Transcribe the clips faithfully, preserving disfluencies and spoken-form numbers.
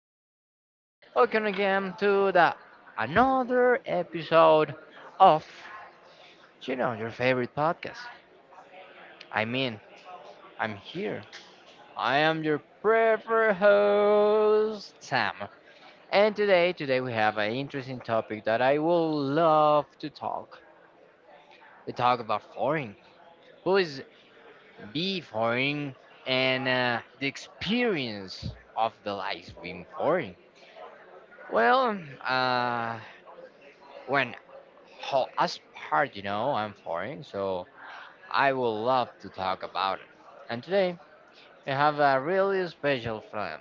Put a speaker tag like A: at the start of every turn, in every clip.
A: people. Welcome again to the another episode of you know your favorite podcast. I mean, I'm here. I am your preferred host Sam. And today, today we have an interesting topic that I will love to talk. We talk about foreign. Who is be foreign and uh, the experience of the life being foreign. Well, um, uh, when ho- as part, you know, I'm foreign, so I would love to talk about it. And today we have a really special film.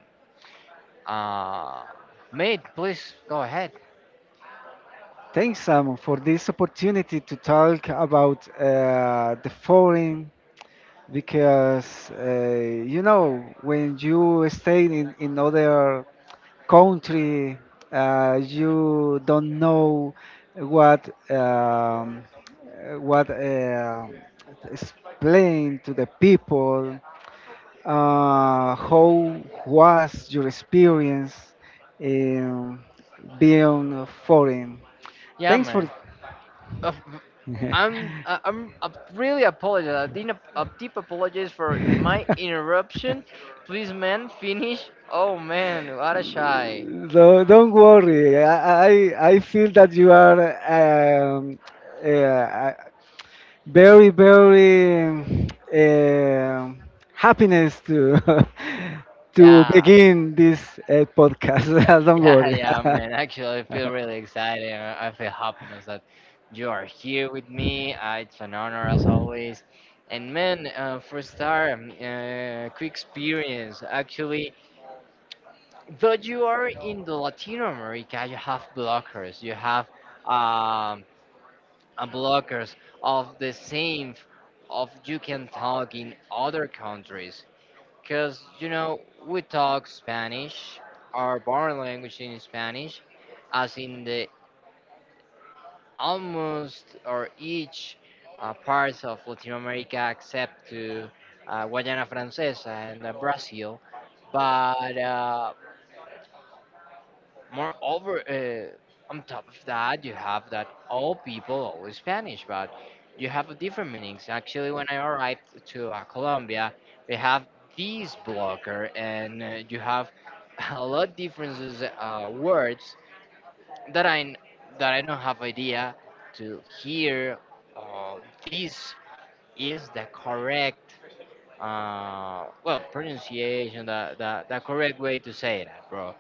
A: Uh, Mate, please go ahead.
B: Thanks, Simon, for this opportunity to talk about uh, the foreign because uh, you know when you stay in, in other country. Uh, you don't know what um, uh, what uh, explain to the people, uh, how was your experience in being foreign.
A: Yeah,
B: Thanks for.
A: man. Uh,
B: I'm,
A: I'm
B: uh,
A: uh, I'm uh, Really apologize. I didn't uh, deep apologies for my interruption. Please, man, finish. Oh man, what a shy.
B: business. Don't, don't worry. I, I I feel that you are um, uh, very very um happiness to to
A: Yeah.
B: begin this uh, podcast. Don't
A: Yeah,
B: worry.
A: yeah, man. Actually, I feel really excited. I I feel happiness that you are here with me. Uh, it's an honor as always. And man, uh, for start, um, uh, quick experience. Actually, though you are in the Latino America, you have blockers. You have um, uh, blockers of the same f- of you can talk in other countries. Because, you know, we talk Spanish, our born language in Spanish, as in the almost or each uh, parts of Latin America except to uh, Guayana Francesa and uh, Brazil. But uh, Moreover, uh, on top of that, you have that all people always Spanish, but you have a different meanings. Actually, when I arrived to uh, Colombia, we have this blocker, and uh, you have a lot differences uh, words that I n- that I don't have idea to hear. Uh, this is the correct uh, well pronunciation, the, the the correct way to say that, bro.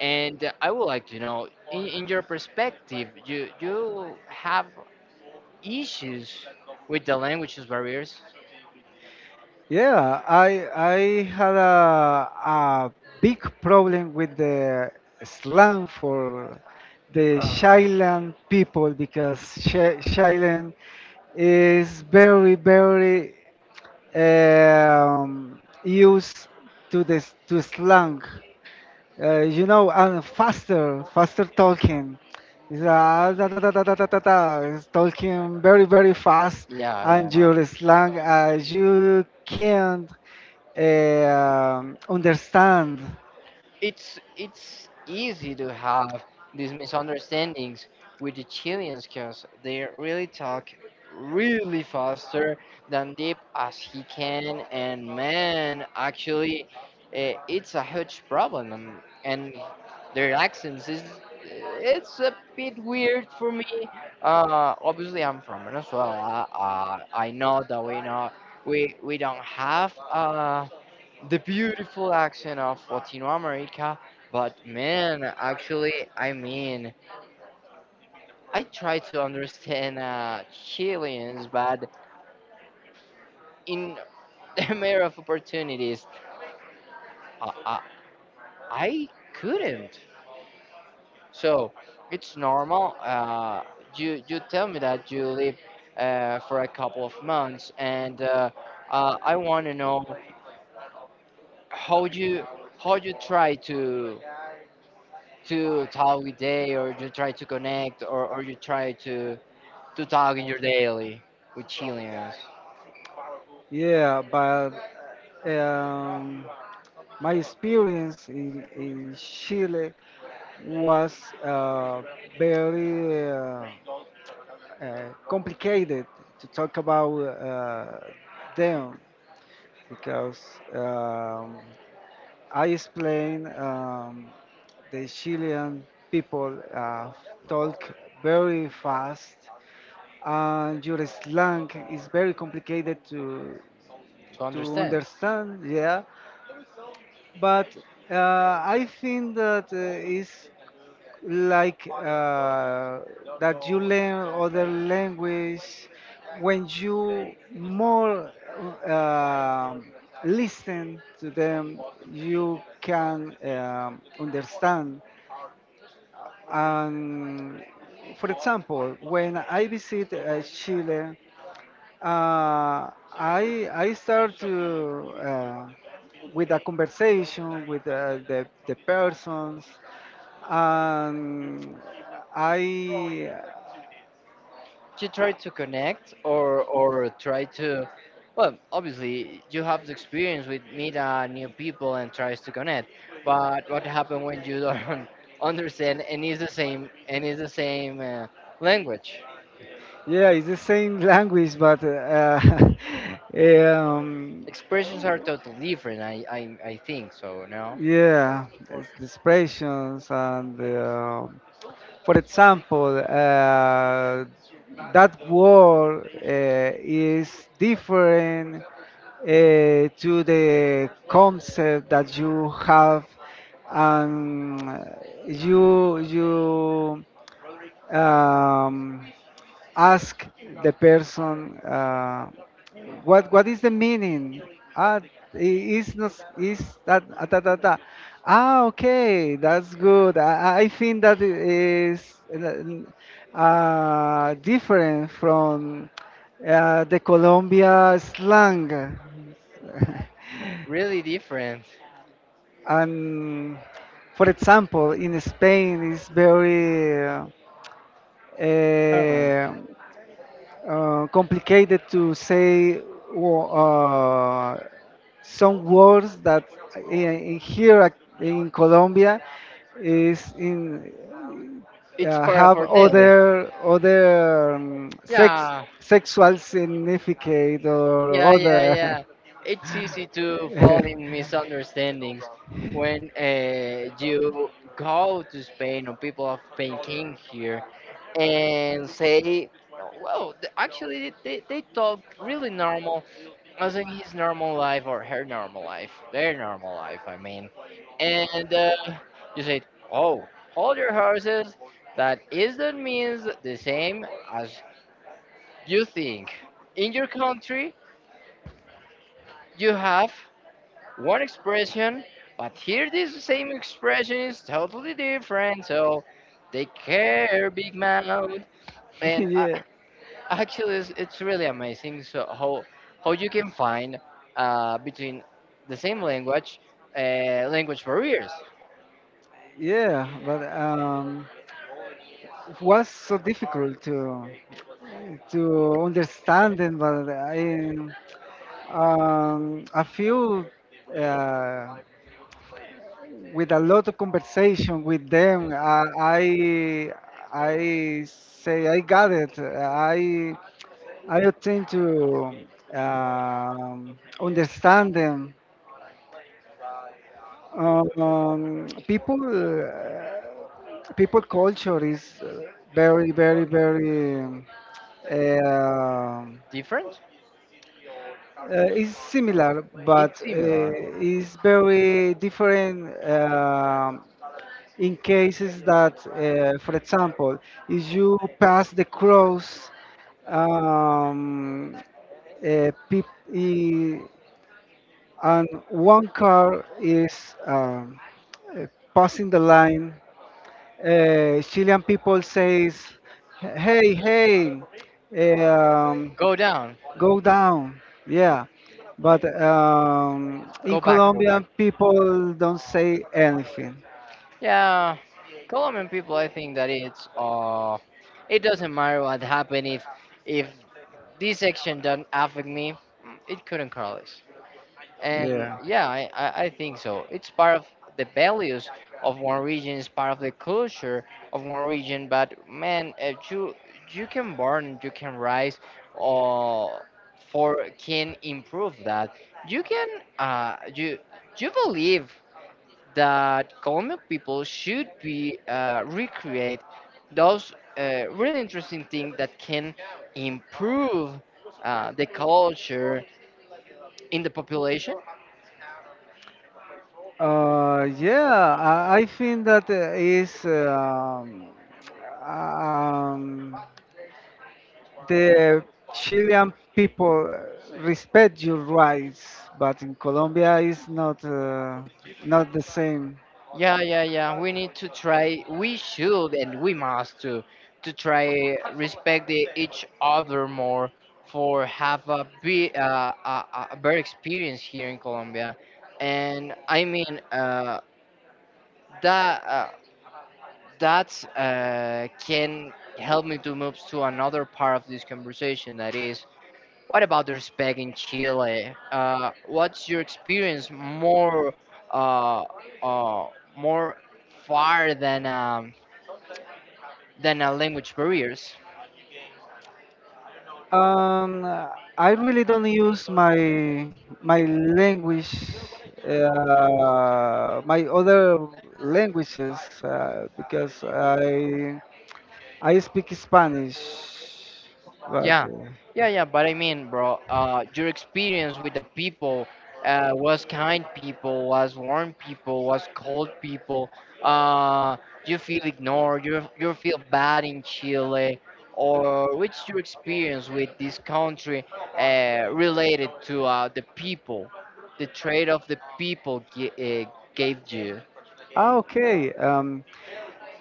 A: And uh, I would like to know, in, in your perspective, you you have issues with the languages barriers?
B: Yeah, I I had a a big problem with the slang for the Shyland people because Sh- Shyland is very very um, used to this to slang, uh, you know, and faster faster talking. It's, uh, da, da, da, da, da, da, da, da. It's talking very very fast,
A: Yeah,
B: and
A: yeah.
B: your slang, uh, you can't um, understand.
A: it's it's easy to have these misunderstandings with the Chileans because they really talk really faster than deep as he can. And man, actually, eh, it's a huge problem, and, and their accents is eh, it's a bit weird for me. Uh obviously I'm from Venezuela. Uh, i know that we know we we don't have uh the beautiful accent of Latino America. But man, actually, I mean, I try to understand uh, Chileans, but in the matter of opportunities, uh, uh, I couldn't. So it's normal. Uh, you you tell me that you live uh, for a couple of months, and uh, uh, I want to know how you how you try to to talk with they, or you try to connect, or, or you try to to talk in your daily with Chileans
B: Yeah, but um, my experience in, in Chile was uh, very uh, uh, complicated to talk about uh, them because um, I explain um, the Chilean people uh, talk very fast, and your slang is very complicated to
A: to
B: to
A: understand.
B: understand, yeah. But uh, I think that uh, it's like uh, that you learn other language when you more um listen to them, you can um, understand. And for example, when I visit uh, Chile, Uh, I I start to uh, with a conversation with uh, the the persons, and I.
A: You try to connect, or or try to, well, obviously you have the experience with meet uh, new people and tries to connect. But what happens when you don't understand and is the same and is the same uh, language?
B: Yeah, it's the same language, but uh, um,
A: Expressions are totally different. I, I I think so. No,
B: yeah, it's the expressions and. Uh, For example, uh, that word uh, is different uh, to the concept that you have, and you you um, ask the person, uh, what what is the meaning. ah i- is not, is that, ah, da, da, da. Ah okay, that's good. i, I think that i- uh, different from uh, the Colombia slang.
A: really different.
B: And for example, in Spain it's very
A: Come on,
B: uh, uh, complicated to say, wo- uh, some words that in, in here, ac- in Colombia is in,
A: it's
B: uh,
A: part of
B: have
A: our daily.
B: other other um, sex
A: Yeah,
B: sexual significate or
A: yeah, yeah,
B: other.
A: yeah. It's easy to fall in misunderstandings when uh, you go to Spain, or people of Spain came here and say, well, th- actually, they, they talk really normal, as in his normal life or her normal life, their normal life, I mean. And uh, you say, oh, hold your horses. That is, that means the same as you think. In your country, you have one expression, but here this same expression is totally different. So take care, big mouth. And uh,
B: Yeah,
A: actually, it's, it's really amazing. So how how you can find uh, between the same language uh, language barriers
B: yeah, but um, it was so difficult to to understand it. But I um, I feel, uh, with a lot of conversation with them, I. I, I say I got it. I I attempt to um, understand them. Um, people uh, people culture is uh, very very very um, uh,
A: different?
B: uh, is similar, but
A: It's
B: uh,
A: similar.
B: is very different. Um in cases that, uh, for example, if you pass the cross, um, uh, peop- i- and one car is um, uh, passing the line, uh, Chilean people says, "Hey, hey, um,
A: Go down.
B: go down." Yeah, but um, in
A: Go back, go back.
B: Colombian people don't say anything.
A: Yeah, Colombian people, I think that it's uh, it doesn't matter what happened. If if this action doesn't affect me, mm, it couldn't cross. And
B: Yeah.
A: yeah, I, I, I think so. It's part of the values of one region, it's part of the culture of one region. But man, uh, you you can burn, you can rise, or for can improve that. You can uh you you believe that Colombian people should be uh, recreate those uh, really interesting things that can improve uh, the culture in the population.
B: Uh, yeah, I, I think that uh, is um, um, the Chilean people respect your rights, but in Colombia it's not, uh, not the same.
A: Yeah, yeah, yeah. We need to try. We should, and we must to to try respect the, each other more for have a be uh, a, a a better experience here in Colombia. And I mean uh, that. Uh, that uh, can help me to move to another part of this conversation that is, what about the respect in Chile? Uh, what's your experience more uh, uh, more far than um, than uh, language barriers?
B: Um, I really don't use my my language, uh, my other languages, uh, because I I speak Spanish, but.
A: Yeah,
B: Uh,
A: yeah, yeah. But I mean, bro, uh, your experience with the people uh, was kind people, was warm people, was cold people. Uh, you feel ignored. You you feel bad in Chile, or what's your experience with this country uh, related to uh, the people, the trade of the people gi- uh, gave you?
B: Ah, okay. Um,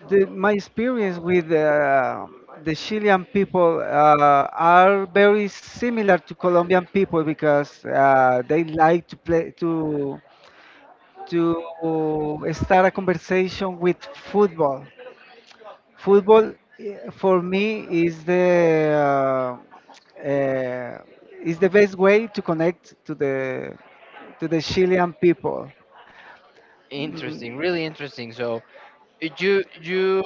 B: the, my experience with uh, the Chilean people uh, are very similar to Colombian people because uh, they like to play to to start a conversation with football. Football, eh, for me is the uh, uh, is the best way to connect to the to the Chilean people.
A: Interesting,
B: Mm.
A: really interesting. So you you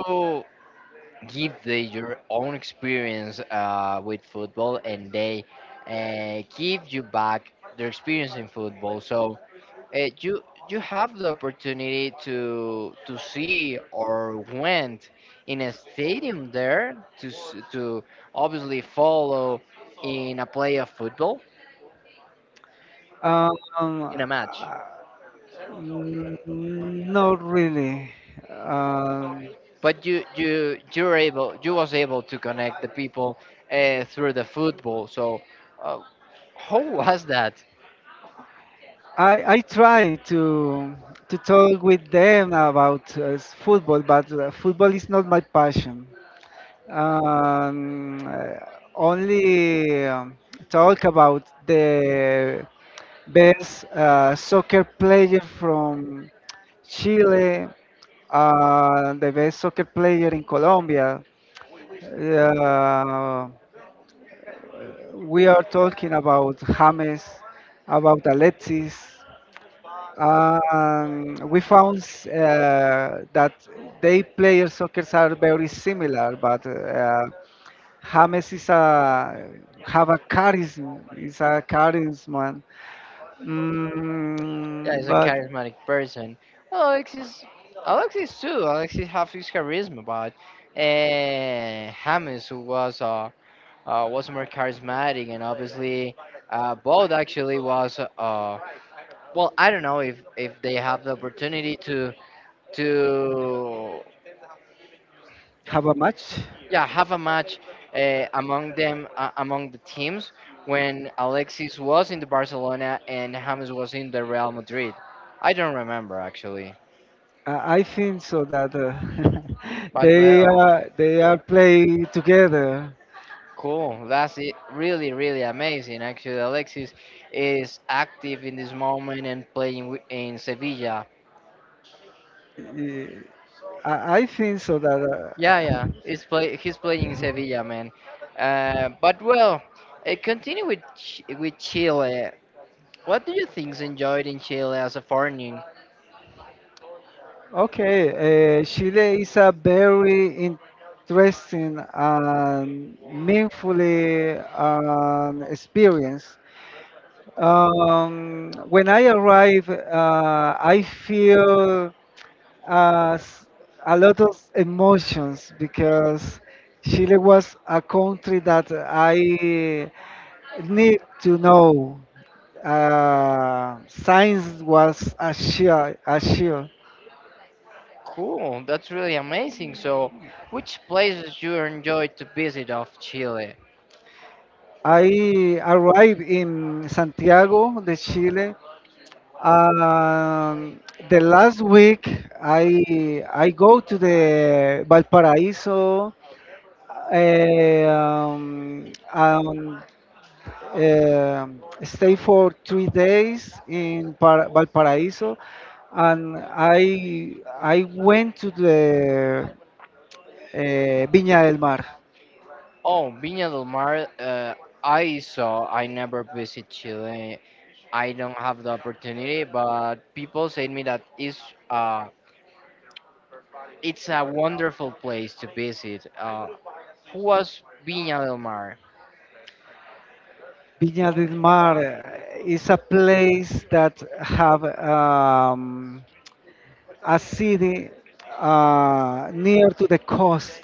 A: give the, your own experience uh, with football, and they uh, give you back their experience in football. So uh, you you have the opportunity to to see or went in a stadium there to s- to obviously follow in a play of football
B: Um,
A: in a match.
B: uh, mm, not really. Um,
A: But you you you were able you was able to connect the people uh, through the football. So uh, how was that?
B: I I try to to talk with them about uh, s- football, but uh, football is not my passion. Um, uh, only um, talk about the best uh, soccer player from Chile, uh, the best soccer player in Colombia. Uh, we are talking about James, about Alexis. Um, we found uh, that they play soccer are very similar, but uh, James is a have a charisma, is a charisma,
A: Yeah,
B: mm,
A: he's a
B: but
A: charismatic person. Well, Alexis, Alexis too. Alexis have his charisma, but uh, James, who was uh, uh was more charismatic. And obviously, uh, both actually was uh well, I don't know if if they have the opportunity to to
B: have a match.
A: yeah, have a match uh, among them, uh, among the teams, when Alexis was in the Barcelona and James was in the Real Madrid. I don't remember actually,
B: I I think so that, uh,
A: but
B: they
A: well.
B: are they are play together.
A: Cool. That's it. Really, really amazing. Actually, Alexis is active in this moment and playing wi- in Sevilla.
B: I I think so that. Uh,
A: Yeah, yeah. He's play. He's playing in Sevilla, man. Uh, but well, uh, continue with Ch- with Chile. What do you think's enjoyed in Chile as a foreigner?
B: Okay, uh, Chile is a very interesting and meaningfully um, experience. Um, when I arrive, uh, I feel uh, s- a lot of emotions because Chile was a country that I need to know. Uh, science was a shield, a shield.
A: Cool. That's really amazing. So, which places you enjoyed to visit of Chile?
B: I arrived in Santiago de Chile. Um, the last week, I I go to the Valparaiso, eh, um, um, um, stay for three days in Par- Valparaiso, and I I went to the uh, Viña del Mar.
A: Oh, Viña del Mar. Uh, I saw. I never visit Chile. I don't have the opportunity, but people say me that it's uh it's a wonderful place to visit. Uh, who was Viña del Mar?
B: Viña del Mar uh, is a place that have um, a city uh, near to the coast,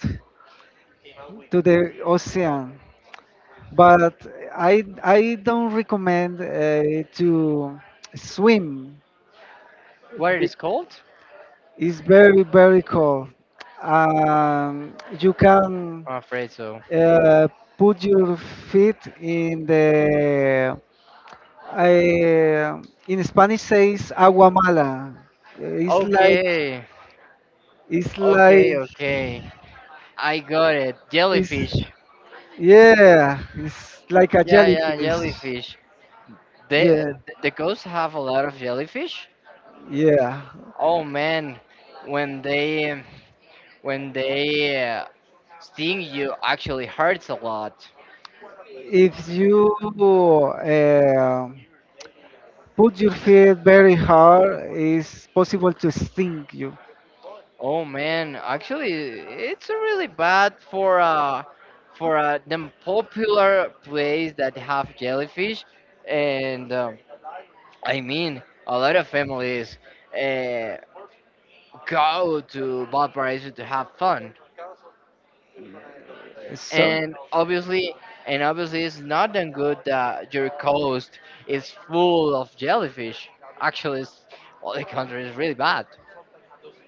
B: to the ocean. But I, I don't recommend uh, to swim.
A: What it is called?
B: It's very, very cold. Um, you can,
A: I'm afraid so.
B: uh, put your feet in the I, in Spanish says agua mala. Eh, It's like
A: Okay,
B: it's like
A: okay, okay. I got it.
B: it's.
A: Jellyfish.
B: Yeah, it's like a
A: Yeah, yeah,
B: jellyfish.
A: jellyfish. They uh,
B: Yeah,
A: the coast have a lot of jellyfish.
B: yeah.
A: Oh man, when they when they uh, sting you, actually hurts a lot.
B: If you uh, put your feet very hard, it's possible to sting you.
A: Oh man, actually, it's really bad for uh for uh, them popular place that have jellyfish, and um, I mean a lot of families uh, go to Valparaiso to have fun.
B: So
A: and obviously, and obviously, it's not that good that your coast is full of jellyfish. Actually, it's, all the country is really bad.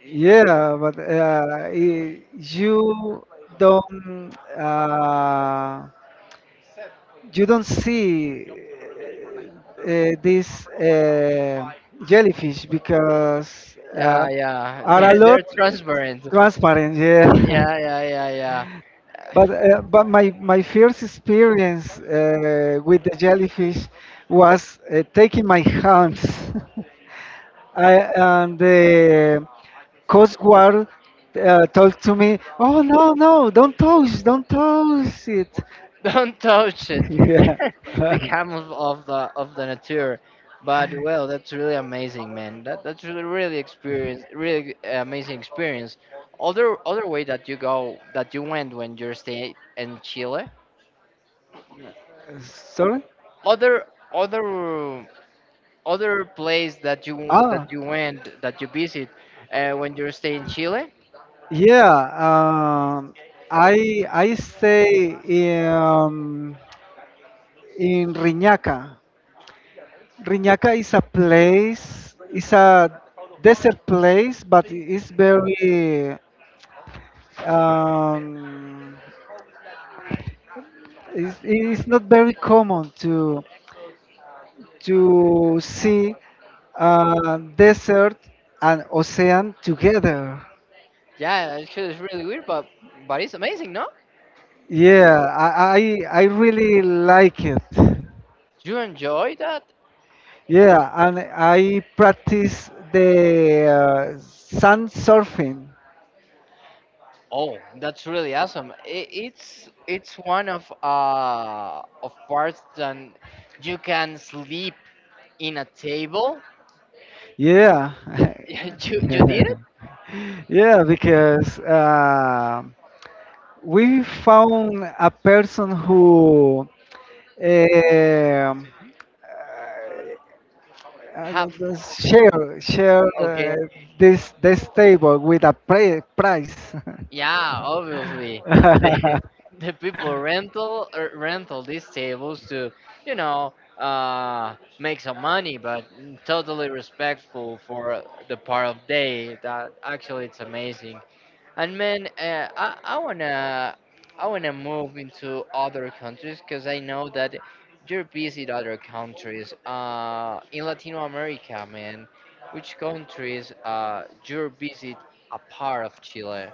B: yeah, but uh, i- you don't. Uh, you don't see uh, these uh, jellyfish because uh,
A: Yeah, yeah,
B: are a
A: they're,
B: lot
A: they're transparent.
B: transparent. Yeah,
A: Yeah, yeah, yeah, yeah.
B: but uh, but my my first experience uh, with the jellyfish was, uh, taking my hands. I And the coast guard, uh, told to me, "Oh no, no, don't touch, don't touch it."
A: Don't touch it.
B: Yeah.
A: The camels of the of the nature. But well, that's really amazing, man. That that's really really experience, really uh, amazing experience. Other other way that you go that you went when you're staying in Chile.
B: Sorry.
A: Other other Other place that you that
B: Ah,
A: you went, that you visit uh, when you're staying in Chile.
B: yeah. Um, I I stay in, um, in Riñaca. Riñaca is a place. It's a desert place, but it's very. Um, it's, it's not very common to to see uh, desert and ocean together.
A: Yeah, actually it's really weird, but but it's amazing, no?
B: Yeah, I I, I really like it.
A: You enjoy that?
B: Yeah, and I practice the uh, sand surfing.
A: Oh, that's really awesome. I- It's it's one of uh of parts that you can sleep in a table.
B: Yeah.
A: You you did it?
B: Yeah, because uh, we found a person who um, uh,
A: Have
B: uh, share share
A: okay.
B: uh, this this table with a pri- price.
A: Yeah, obviously the the people rental, er, rental these tables to, you know, uh make some money, but totally respectful for the part of day. That actually it's amazing. And man, uh, I I wanna I wanna move into other countries because I know that you're busy in other countries. Uh, in Latino America, man, which countries uh you're busy apart of Chile?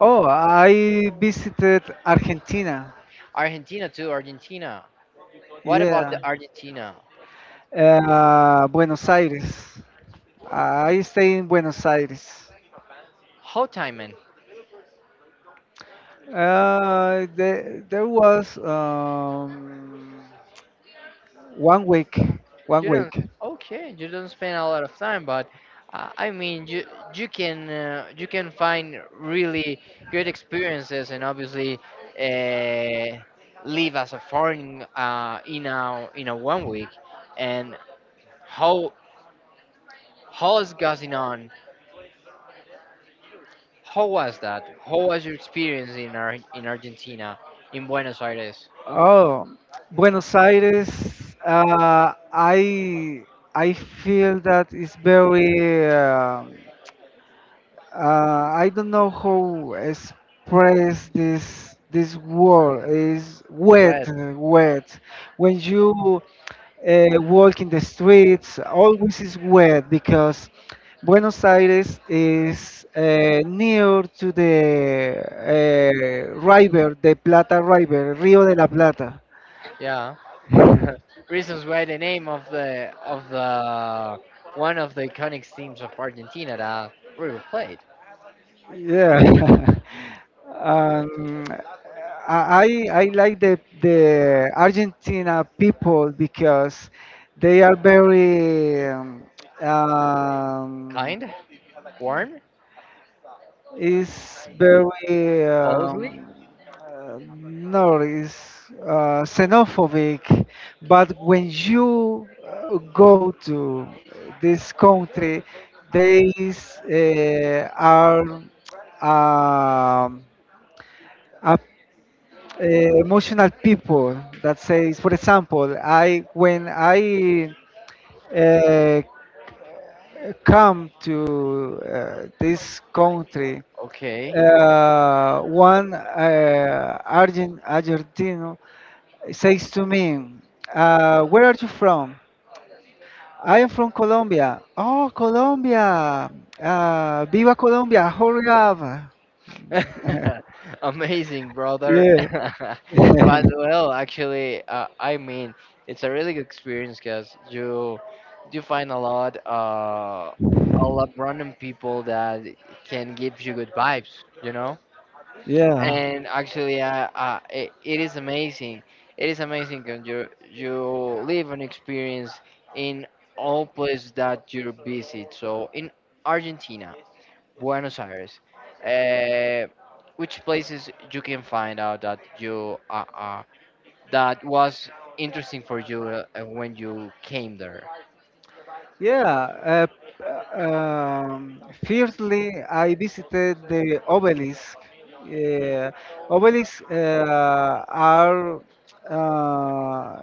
B: Oh, I visited Argentina.
A: Argentina too. Argentina. What about the
B: Yeah.
A: Argentina?
B: Uh, Buenos Aires. I stay in Buenos Aires.
A: Whole time, man.
B: Uh, there, there was um, one week. One
A: You
B: week.
A: don't. Okay, you don't spend a lot of time, but uh, I mean, you you can uh, you can find really good experiences, and obviously uh, live as a foreign uh, in a in a one week. And how how is going on? How was that? How was your experience in Ar- in Argentina, in Buenos Aires?
B: Oh, Buenos Aires. Uh, I I feel that it's very. Uh, uh, I don't know how express this this word. Is wet,
A: Well,
B: wet. When you uh, walk in the streets always is wet because Buenos Aires is uh, near to the uh, river, the Plata River, Rio de la Plata.
A: yeah. Reasons why the name of the of the one of the iconic teams of Argentina that River played.
B: Yeah. um, I I I like the the Argentina people because they are very, um, um,
A: Kind, warm,
B: is very,
A: closely.
B: um, uh, no, it's uh, xenophobic. But when you uh, go to this country, they uh, are, um, a, uh, emotional people that says, for example, I when I uh, come to uh, this country,
A: Okay,
B: uh, one, uh, Argent, Argentino says to me, uh, "Where are you from?" I am from Colombia. Oh, Colombia! Uh, Viva Colombia! Jorgava!
A: amazing, brother.
B: Yeah,
A: But well, actually, uh, I mean, it's a really good experience because you you find a lot uh, a lot random people that can give you good vibes. You know,
B: yeah,
A: and actually, uh, uh, it, it is amazing. It is amazing because you you live an experience in all places that you visit. So in Argentina, Buenos Aires, uh, which places you can find out that you uh, uh, that was interesting for you uh, uh, when you came there?
B: yeah. Uh, um, firstly, I visited the obelisk. Yeah, obelisks uh, are uh,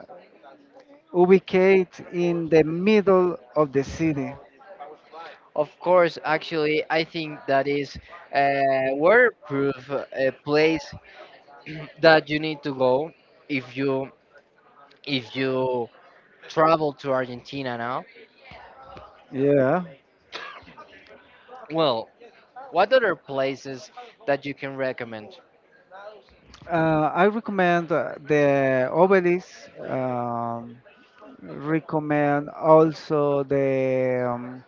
B: ubicated in the middle of the city.
A: Of course. Actually, I think that is uh, waterproof, uh, a place that you need to go if you if you travel to Argentina. Now,
B: Yeah.
A: well, what other places that you can recommend?
B: Uh, I recommend uh, the obelisk. Um, recommend also the um,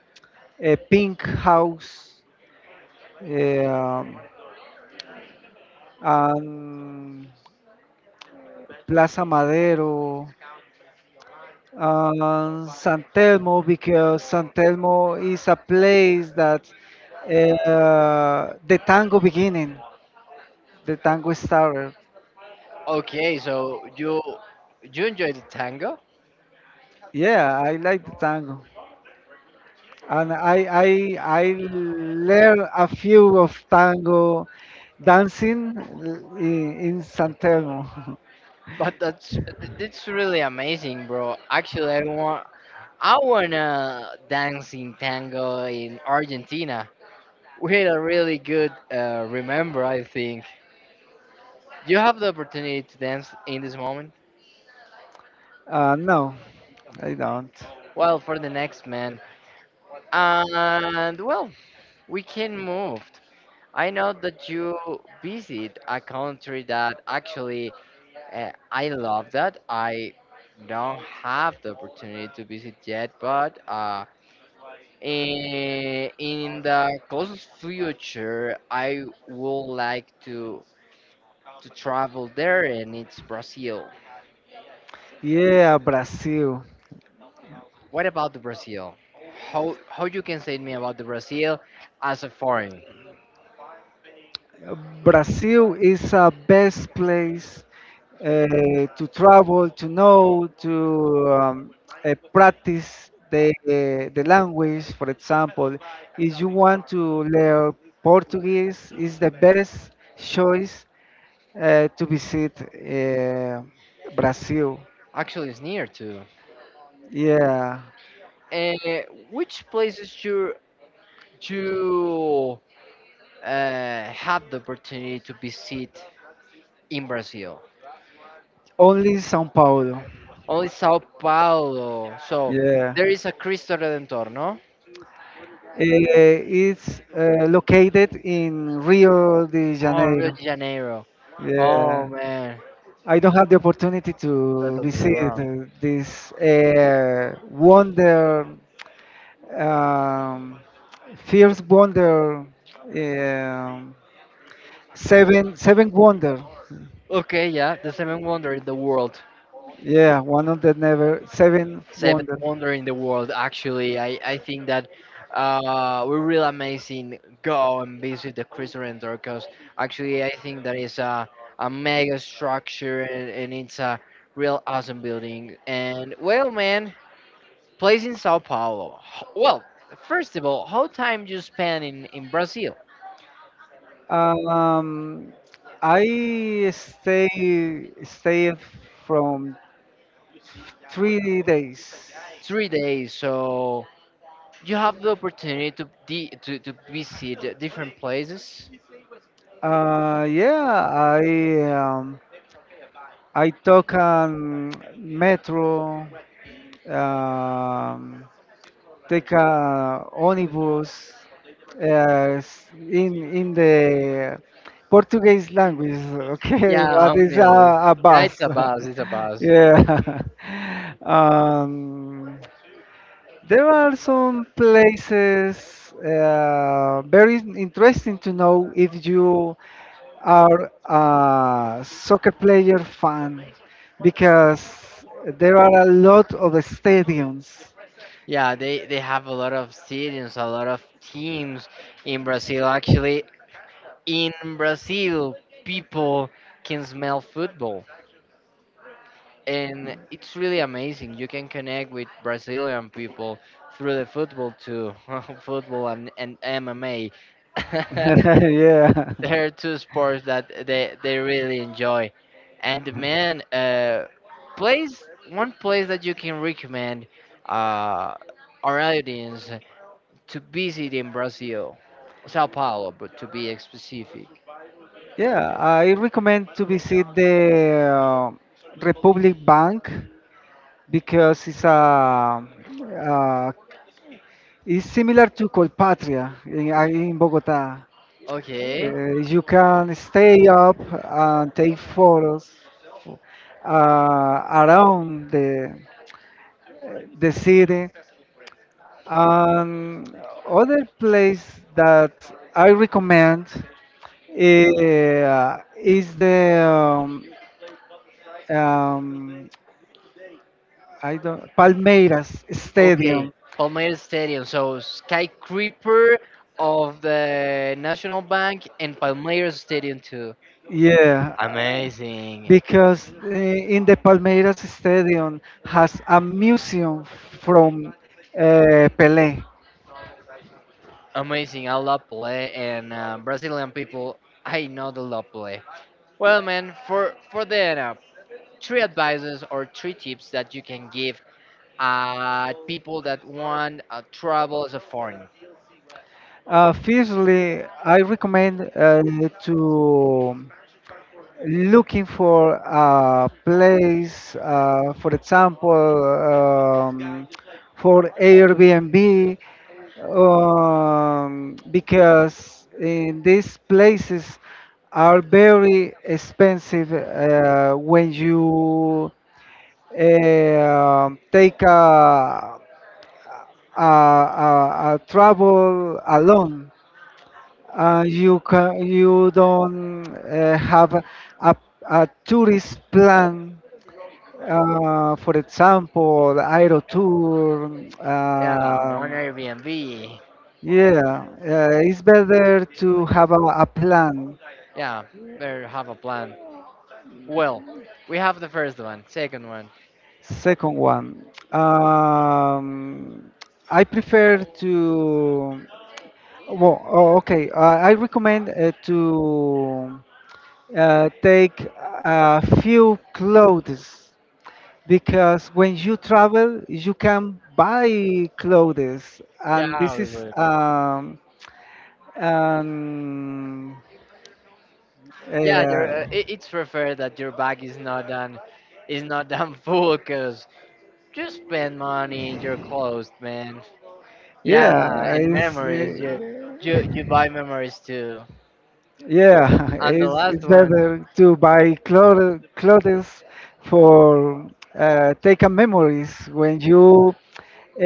B: a pink house, um, and Plaza Madero and San Telmo because San Telmo is a place that, uh, the tango beginning, the tango started.
A: Okay, so you you enjoy the tango.
B: Yeah, I like the tango, and I I I learned a few of tango dancing in, in San Telmo.
A: But that's, it's really amazing, bro. Actually, I want I wanna dance in tango in Argentina. We had a really good, uh, remember, I think. Do you have the opportunity to dance in this moment?
B: Uh, no, I don't.
A: Well, for the next, man, and, well, we can move. I know that you visit a country that actually, uh, I love that. I don't have the opportunity to visit yet, but uh, in, in the closest future, I would like to to travel there, and it's Brazil.
B: Yeah, Brazil.
A: What about the Brazil? How how you can say to me about the Brazil as a foreign?
B: uh, Brazil is a best place uh, to travel, to know, to um, uh, practice the the language. For example, if you want to learn Portuguese, is the best choice uh, to visit uh, Brazil.
A: Actually, it's near too.
B: Yeah,
A: Uh, which places you you uh, had the opportunity to visit in Brazil?
B: only São Paulo.
A: Only Sao Paulo. So
B: Yeah.
A: there is a Cristo Redentor, no?
B: Uh, it's uh, located in Rio de
A: Oh, Rio
B: Janeiro.
A: de Janeiro.
B: Yeah,
A: Oh man,
B: I don't have the opportunity to
A: totally
B: visit
A: wrong.
B: uh, this uh, wonder, um, first wonder, um seven seven wonder.
A: Okay, yeah, the seventh wonder in the world,
B: Yeah, one of the never seven
A: seventh
B: wonder.
A: wonder in the world. Actually, I I think that uh we're real amazing. Go and visit the Cristo Redentor because actually I think that is a a mega structure, and, and it's a real awesome building. And well, man, place in Sao Paulo. Ho- Well, first of all, how time you spend in, in Brazil?
B: Um, I stay stay from three days.
A: Three days, so you have the opportunity to de- to, to visit different places.
B: Uh, yeah, I um, I took, um, metro, um, take a onibus, uh, s- in in the Portuguese language, okay,
A: Yeah,
B: but it's
A: omnibus.
B: a, a
A: Yeah,
B: bus.
A: it's a bus. It's a bus.
B: Yeah. Um, there are some places, uh, very interesting to know, if you are a soccer player fan because there are a lot of stadiums.
A: Yeah, they, they have a lot of stadiums, a lot of teams in Brazil. Actually, in Brazil, people can smell football, and it's really amazing. You can connect with Brazilian people through the football too, football and, and M M A.
B: Yeah.
A: There are two sports that they they really enjoy. And the man, uh, place one place that you can recommend uh, our audience to visit in Brazil, Sao Paulo, but to be specific.
B: Yeah, I recommend to visit the uh, Republic Bank because it's a uh, it's similar to Colpatria in, uh, in Bogota.
A: Okay.
B: Uh, you can stay up and take photos uh, around the the city. And other place that I recommend, eh, ah, is the um, um, I don't, Palmeiras
A: Okay,
B: Stadium.
A: Palmeiras Stadium. So Skycreeper of the National Bank and Palmeiras Stadium too.
B: Yeah,
A: Amazing,
B: because uh, in the Palmeiras Stadium has a museum from, uh, Pelé.
A: amazing. I love play and, uh, Brazilian people. I know they love play. Well, man, for for the, uh, three advices or three tips that you can give uh people that want uh, travel as a foreign.
B: Uh, firstly, I recommend uh, to looking for a place, uh, for example, um, for Airbnb, um, because in these places are very expensive uh, when you uh, take a, a, a, a travel alone, uh, you ca you don't uh, have a, a tourist plan, uh, for example, aero tour.
A: Yeah, one
B: Um,
A: Airbnb.
B: yeah, uh, it's better to have a, a plan.
A: Yeah, better have a plan. Well, we have the first one, second one.
B: Second one, um, I prefer to. Well, oh, okay. Uh, I recommend uh, to uh, take a few clothes because when you travel you can buy clothes,
A: Yeah,
B: and this is,
A: obviously.
B: um, um
A: Yeah, your,
B: uh,
A: uh, it, it's preferred that your bag is not done, is not done full, cause you spend money in your clothes, man.
B: yeah,
A: Yeah, and
B: it's,
A: memories. You you you
B: uh,
A: buy memories too.
B: yeah,
A: And the
B: it's,
A: last
B: it's
A: one,
B: better to buy clothes clothes for, uh, taken memories, when you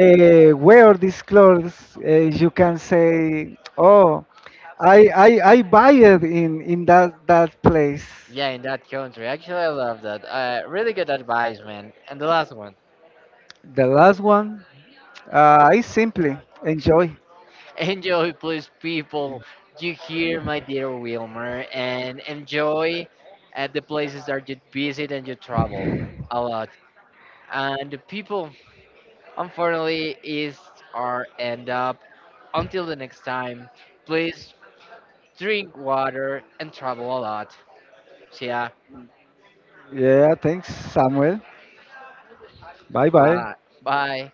B: uh, wear these clothes, uh, you can say, oh, I, I I buy it in in that that place.
A: yeah, in that country. Actually, I love that. Uh, really good advice, man. And the last one,
B: The last one, uh, I simply enjoy.
A: enjoy, please, people. You hear, my dear Wilmer, and enjoy at the places that you visit and you travel a lot. And the people, unfortunately, is our end up. Until the next time, please drink water and travel a lot. See ya.
B: Yeah, thanks, Samuel. Bye bye.
A: Bye. Bye.